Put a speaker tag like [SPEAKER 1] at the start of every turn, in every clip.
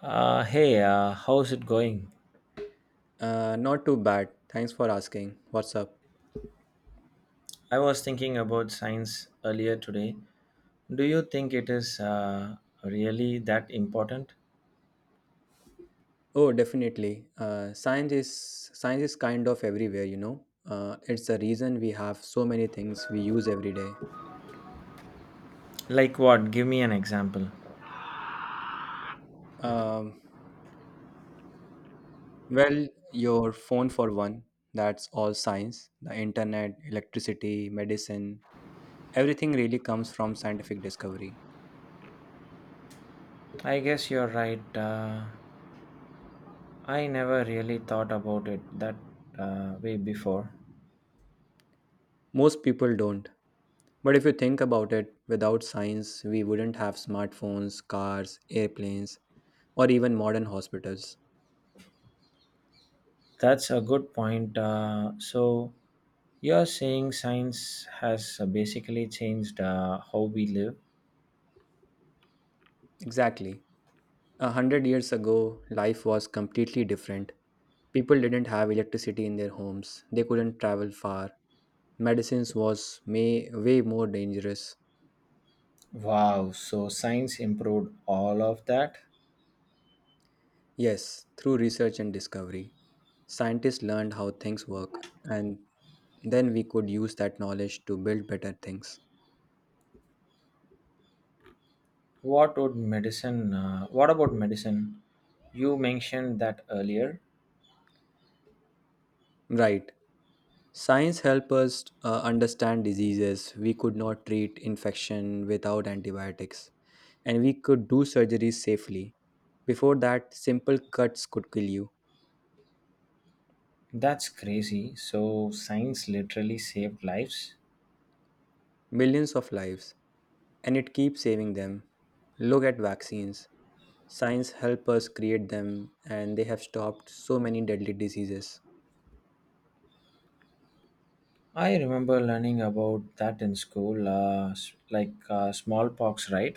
[SPEAKER 1] Hey, how's it going?
[SPEAKER 2] Not too bad. Thanks for asking. What's up?
[SPEAKER 1] I was thinking about science earlier today. Do you think it is really that important?
[SPEAKER 2] Oh, definitely. Science is kind of everywhere. It's the reason we have so many things we use every day.
[SPEAKER 1] Like what? Give me an example.
[SPEAKER 2] Um, your phone for one. That's all science. The internet, electricity, medicine, everything really comes from scientific discovery.
[SPEAKER 1] I guess you're right. I never really thought about it that way before.
[SPEAKER 2] Most people don't. But if you think about it, without science, we wouldn't have smartphones, cars, airplanes, or even modern hospitals.
[SPEAKER 1] That's a good point. So, you're saying science has basically changed how we live?
[SPEAKER 2] Exactly. 100 years ago, life was completely different. People didn't have electricity in their homes, they couldn't travel far, way more dangerous.
[SPEAKER 1] Wow, so science improved all of that?
[SPEAKER 2] Yes, through research and discovery, scientists learned how things work, and then we could use that knowledge to build better things.
[SPEAKER 1] What about medicine? You mentioned that earlier.
[SPEAKER 2] Right. Science helps us understand diseases. We could not treat infection without antibiotics, and we could do surgeries safely. Before that, simple cuts could kill you,
[SPEAKER 1] That's crazy. So, science literally saved lives.
[SPEAKER 2] millions of lives, and it keeps saving them. Look at vaccines. Science helps us create them, and they have stopped so many deadly diseases.
[SPEAKER 1] I remember learning about that in school, like smallpox, right?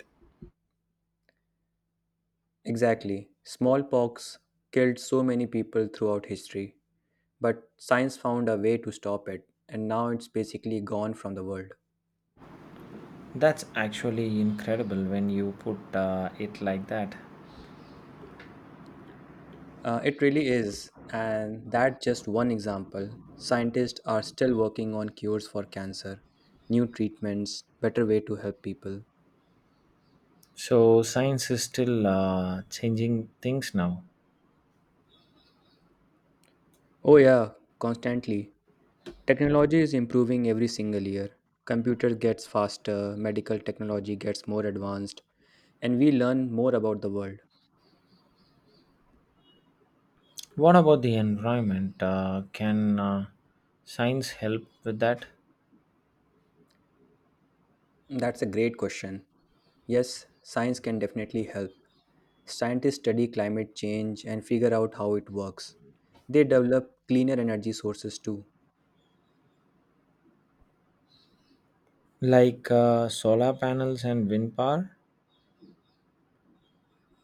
[SPEAKER 2] Exactly. Smallpox killed so many people throughout history, but science found a way to stop it, and now it's basically gone from the world.
[SPEAKER 1] That's actually incredible when you put it like that.
[SPEAKER 2] It really is, and that's just one example. Scientists are still working on cures for cancer, new treatments, better way to help people.
[SPEAKER 1] So, science is still changing things now.
[SPEAKER 2] Oh, yeah, constantly. Technology is improving every single year. Computer gets faster, medical technology gets more advanced, and we learn more about the world.
[SPEAKER 1] What about the environment? Can science help with that?
[SPEAKER 2] That's a great question. Yes, science can definitely help. Scientists study climate change and figure out how it works. They develop cleaner energy sources too.
[SPEAKER 1] Like solar panels and wind power.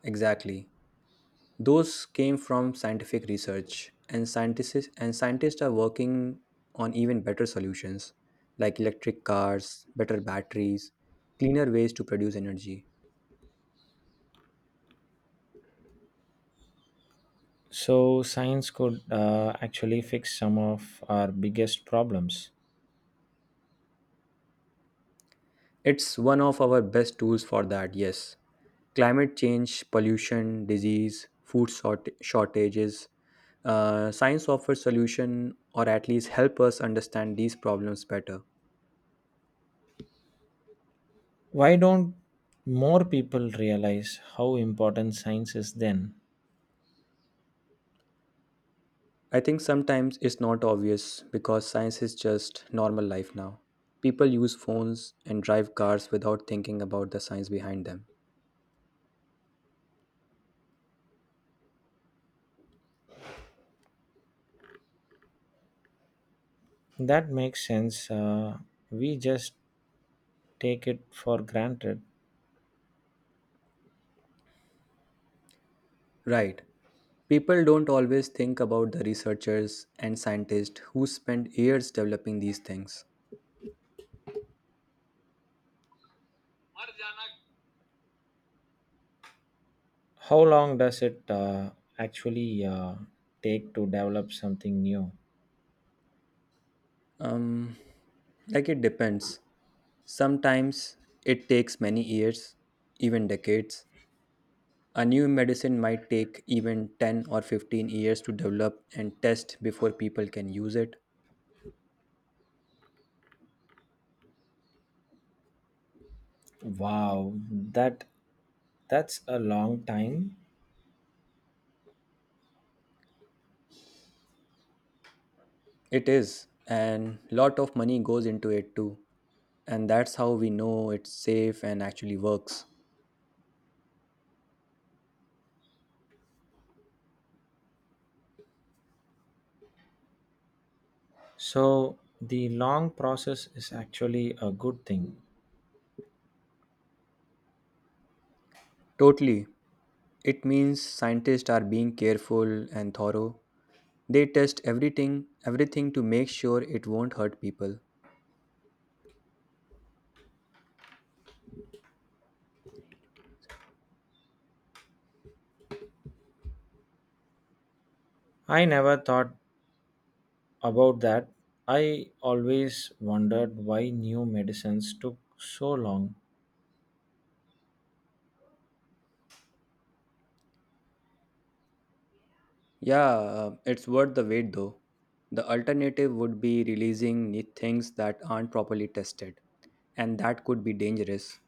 [SPEAKER 2] Exactly. Those came from scientific research, and scientists are working on even better solutions like electric cars, better batteries, cleaner ways to produce energy.
[SPEAKER 1] So, science could actually fix some of our biggest problems.
[SPEAKER 2] It's one of our best tools for that, yes. Climate change, pollution, disease, shortages. Science offers solution or at least help us understand these problems better.
[SPEAKER 1] Why don't more people realize how important science is then?
[SPEAKER 2] I think sometimes it's not obvious because science is just normal life now. People use phones and drive cars without thinking about the science behind them.
[SPEAKER 1] That makes sense. We just take it for granted.
[SPEAKER 2] Right. People don't always think about the researchers and scientists who spend years developing these things.
[SPEAKER 1] How long does it actually take to develop something new?
[SPEAKER 2] Um, it depends. Sometimes it takes many years, even decades. A new medicine might take even 10 or 15 years to develop and test before people can use it.
[SPEAKER 1] Wow, that that's a long time.
[SPEAKER 2] It is, and lot of money goes into it too. And that's how we know it's safe and actually works.
[SPEAKER 1] So the long process is actually a good thing.
[SPEAKER 2] Totally. It means scientists are being careful and thorough. They test everything to make sure it won't hurt people.
[SPEAKER 1] I never thought about that. I always wondered why new medicines took so long.
[SPEAKER 2] Yeah, it's worth the wait though. The alternative would be things that aren't properly tested, and that could be dangerous.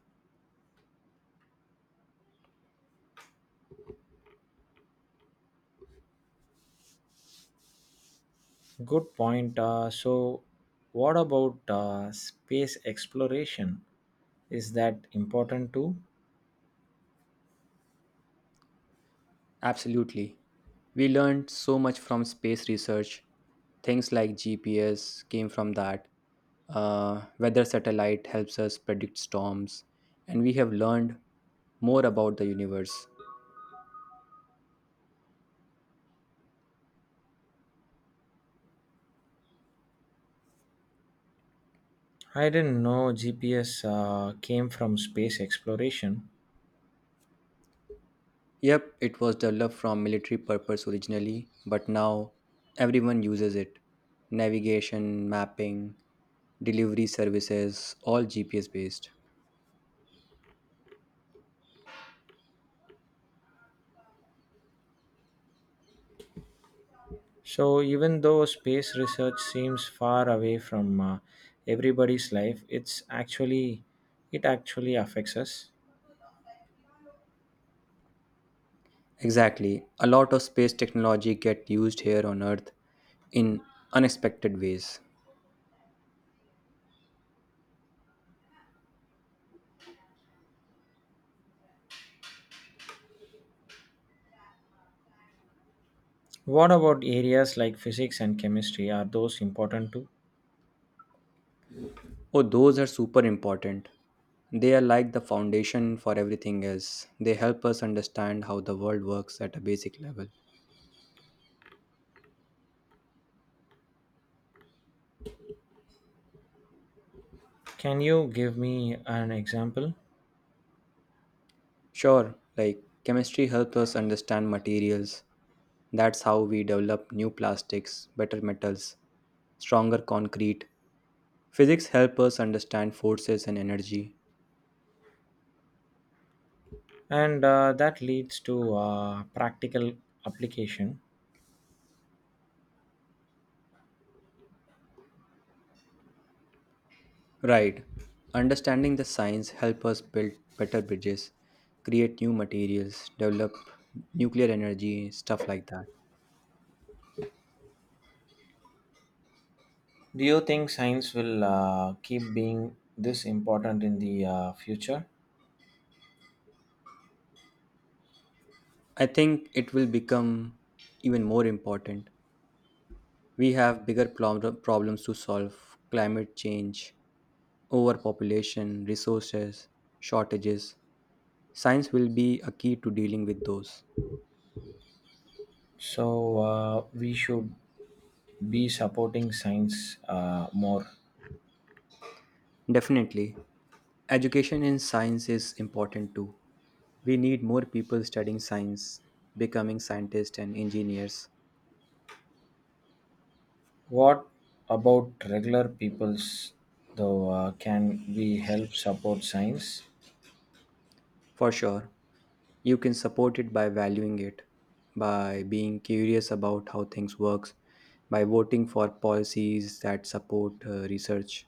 [SPEAKER 1] Good point. So, what about space exploration? Is that important too?
[SPEAKER 2] Absolutely. We learned so much from space research. Things like GPS came from that. Weather satellite helps us predict storms, and we have learned more about the universe.
[SPEAKER 1] I didn't know GPS came from space exploration.
[SPEAKER 2] Yep, it was developed from military purpose originally, but now everyone uses it. Navigation, mapping, delivery services, all GPS based.
[SPEAKER 1] So, even though space research seems far away from everybody's life, it actually affects us.
[SPEAKER 2] Exactly. A lot of space technology get used here on Earth in unexpected ways.
[SPEAKER 1] What about areas like physics and chemistry? Are those important too?
[SPEAKER 2] Oh, those are super important. They are like the foundation for everything else. They help us understand how the world works at a basic level.
[SPEAKER 1] Can you give me an example?
[SPEAKER 2] Sure, like chemistry helps us understand materials. That's how we develop new plastics, better metals, stronger concrete. Physics help us understand forces and energy.
[SPEAKER 1] And that leads to practical application.
[SPEAKER 2] Right. Understanding the science help us build better bridges, create new materials, develop nuclear energy, stuff like that.
[SPEAKER 1] Do you think science will keep being this important in the future?
[SPEAKER 2] I think it will become even more important. We have problems to solve: climate change, overpopulation, resources, shortages. Science will be a key to dealing with those.
[SPEAKER 1] So, we should be supporting science more.
[SPEAKER 2] Definitely, education in science is important too. We need more people studying science, becoming scientists and engineers.
[SPEAKER 1] What about regular peoples though? Can we help support science
[SPEAKER 2] For sure, you can support it by valuing it, by being curious about how things works, by voting for policies that support research.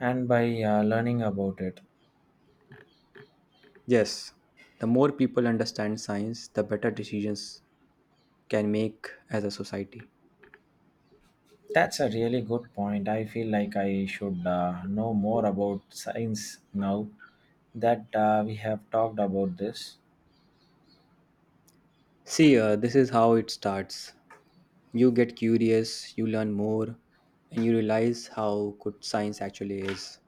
[SPEAKER 1] and by learning about it?
[SPEAKER 2] Yes, the more people understand science, the better decisions can make as a society.
[SPEAKER 1] That's a really good point. I feel like I should know more about science now that we have talked about this.
[SPEAKER 2] See, this is how it starts. You get curious, you learn more, and you realize how good science actually is.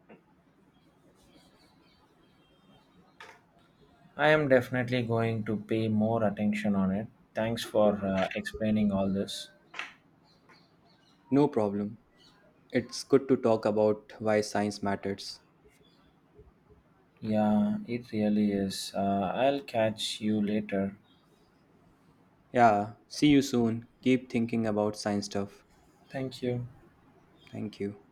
[SPEAKER 1] I am definitely going to pay more attention on it. Thanks for explaining all this.
[SPEAKER 2] No problem. It's good to talk about why science matters.
[SPEAKER 1] Yeah, it really is. I'll catch you later.
[SPEAKER 2] Yeah, see you soon. Keep thinking about science stuff.
[SPEAKER 1] Thank you.
[SPEAKER 2] Thank you.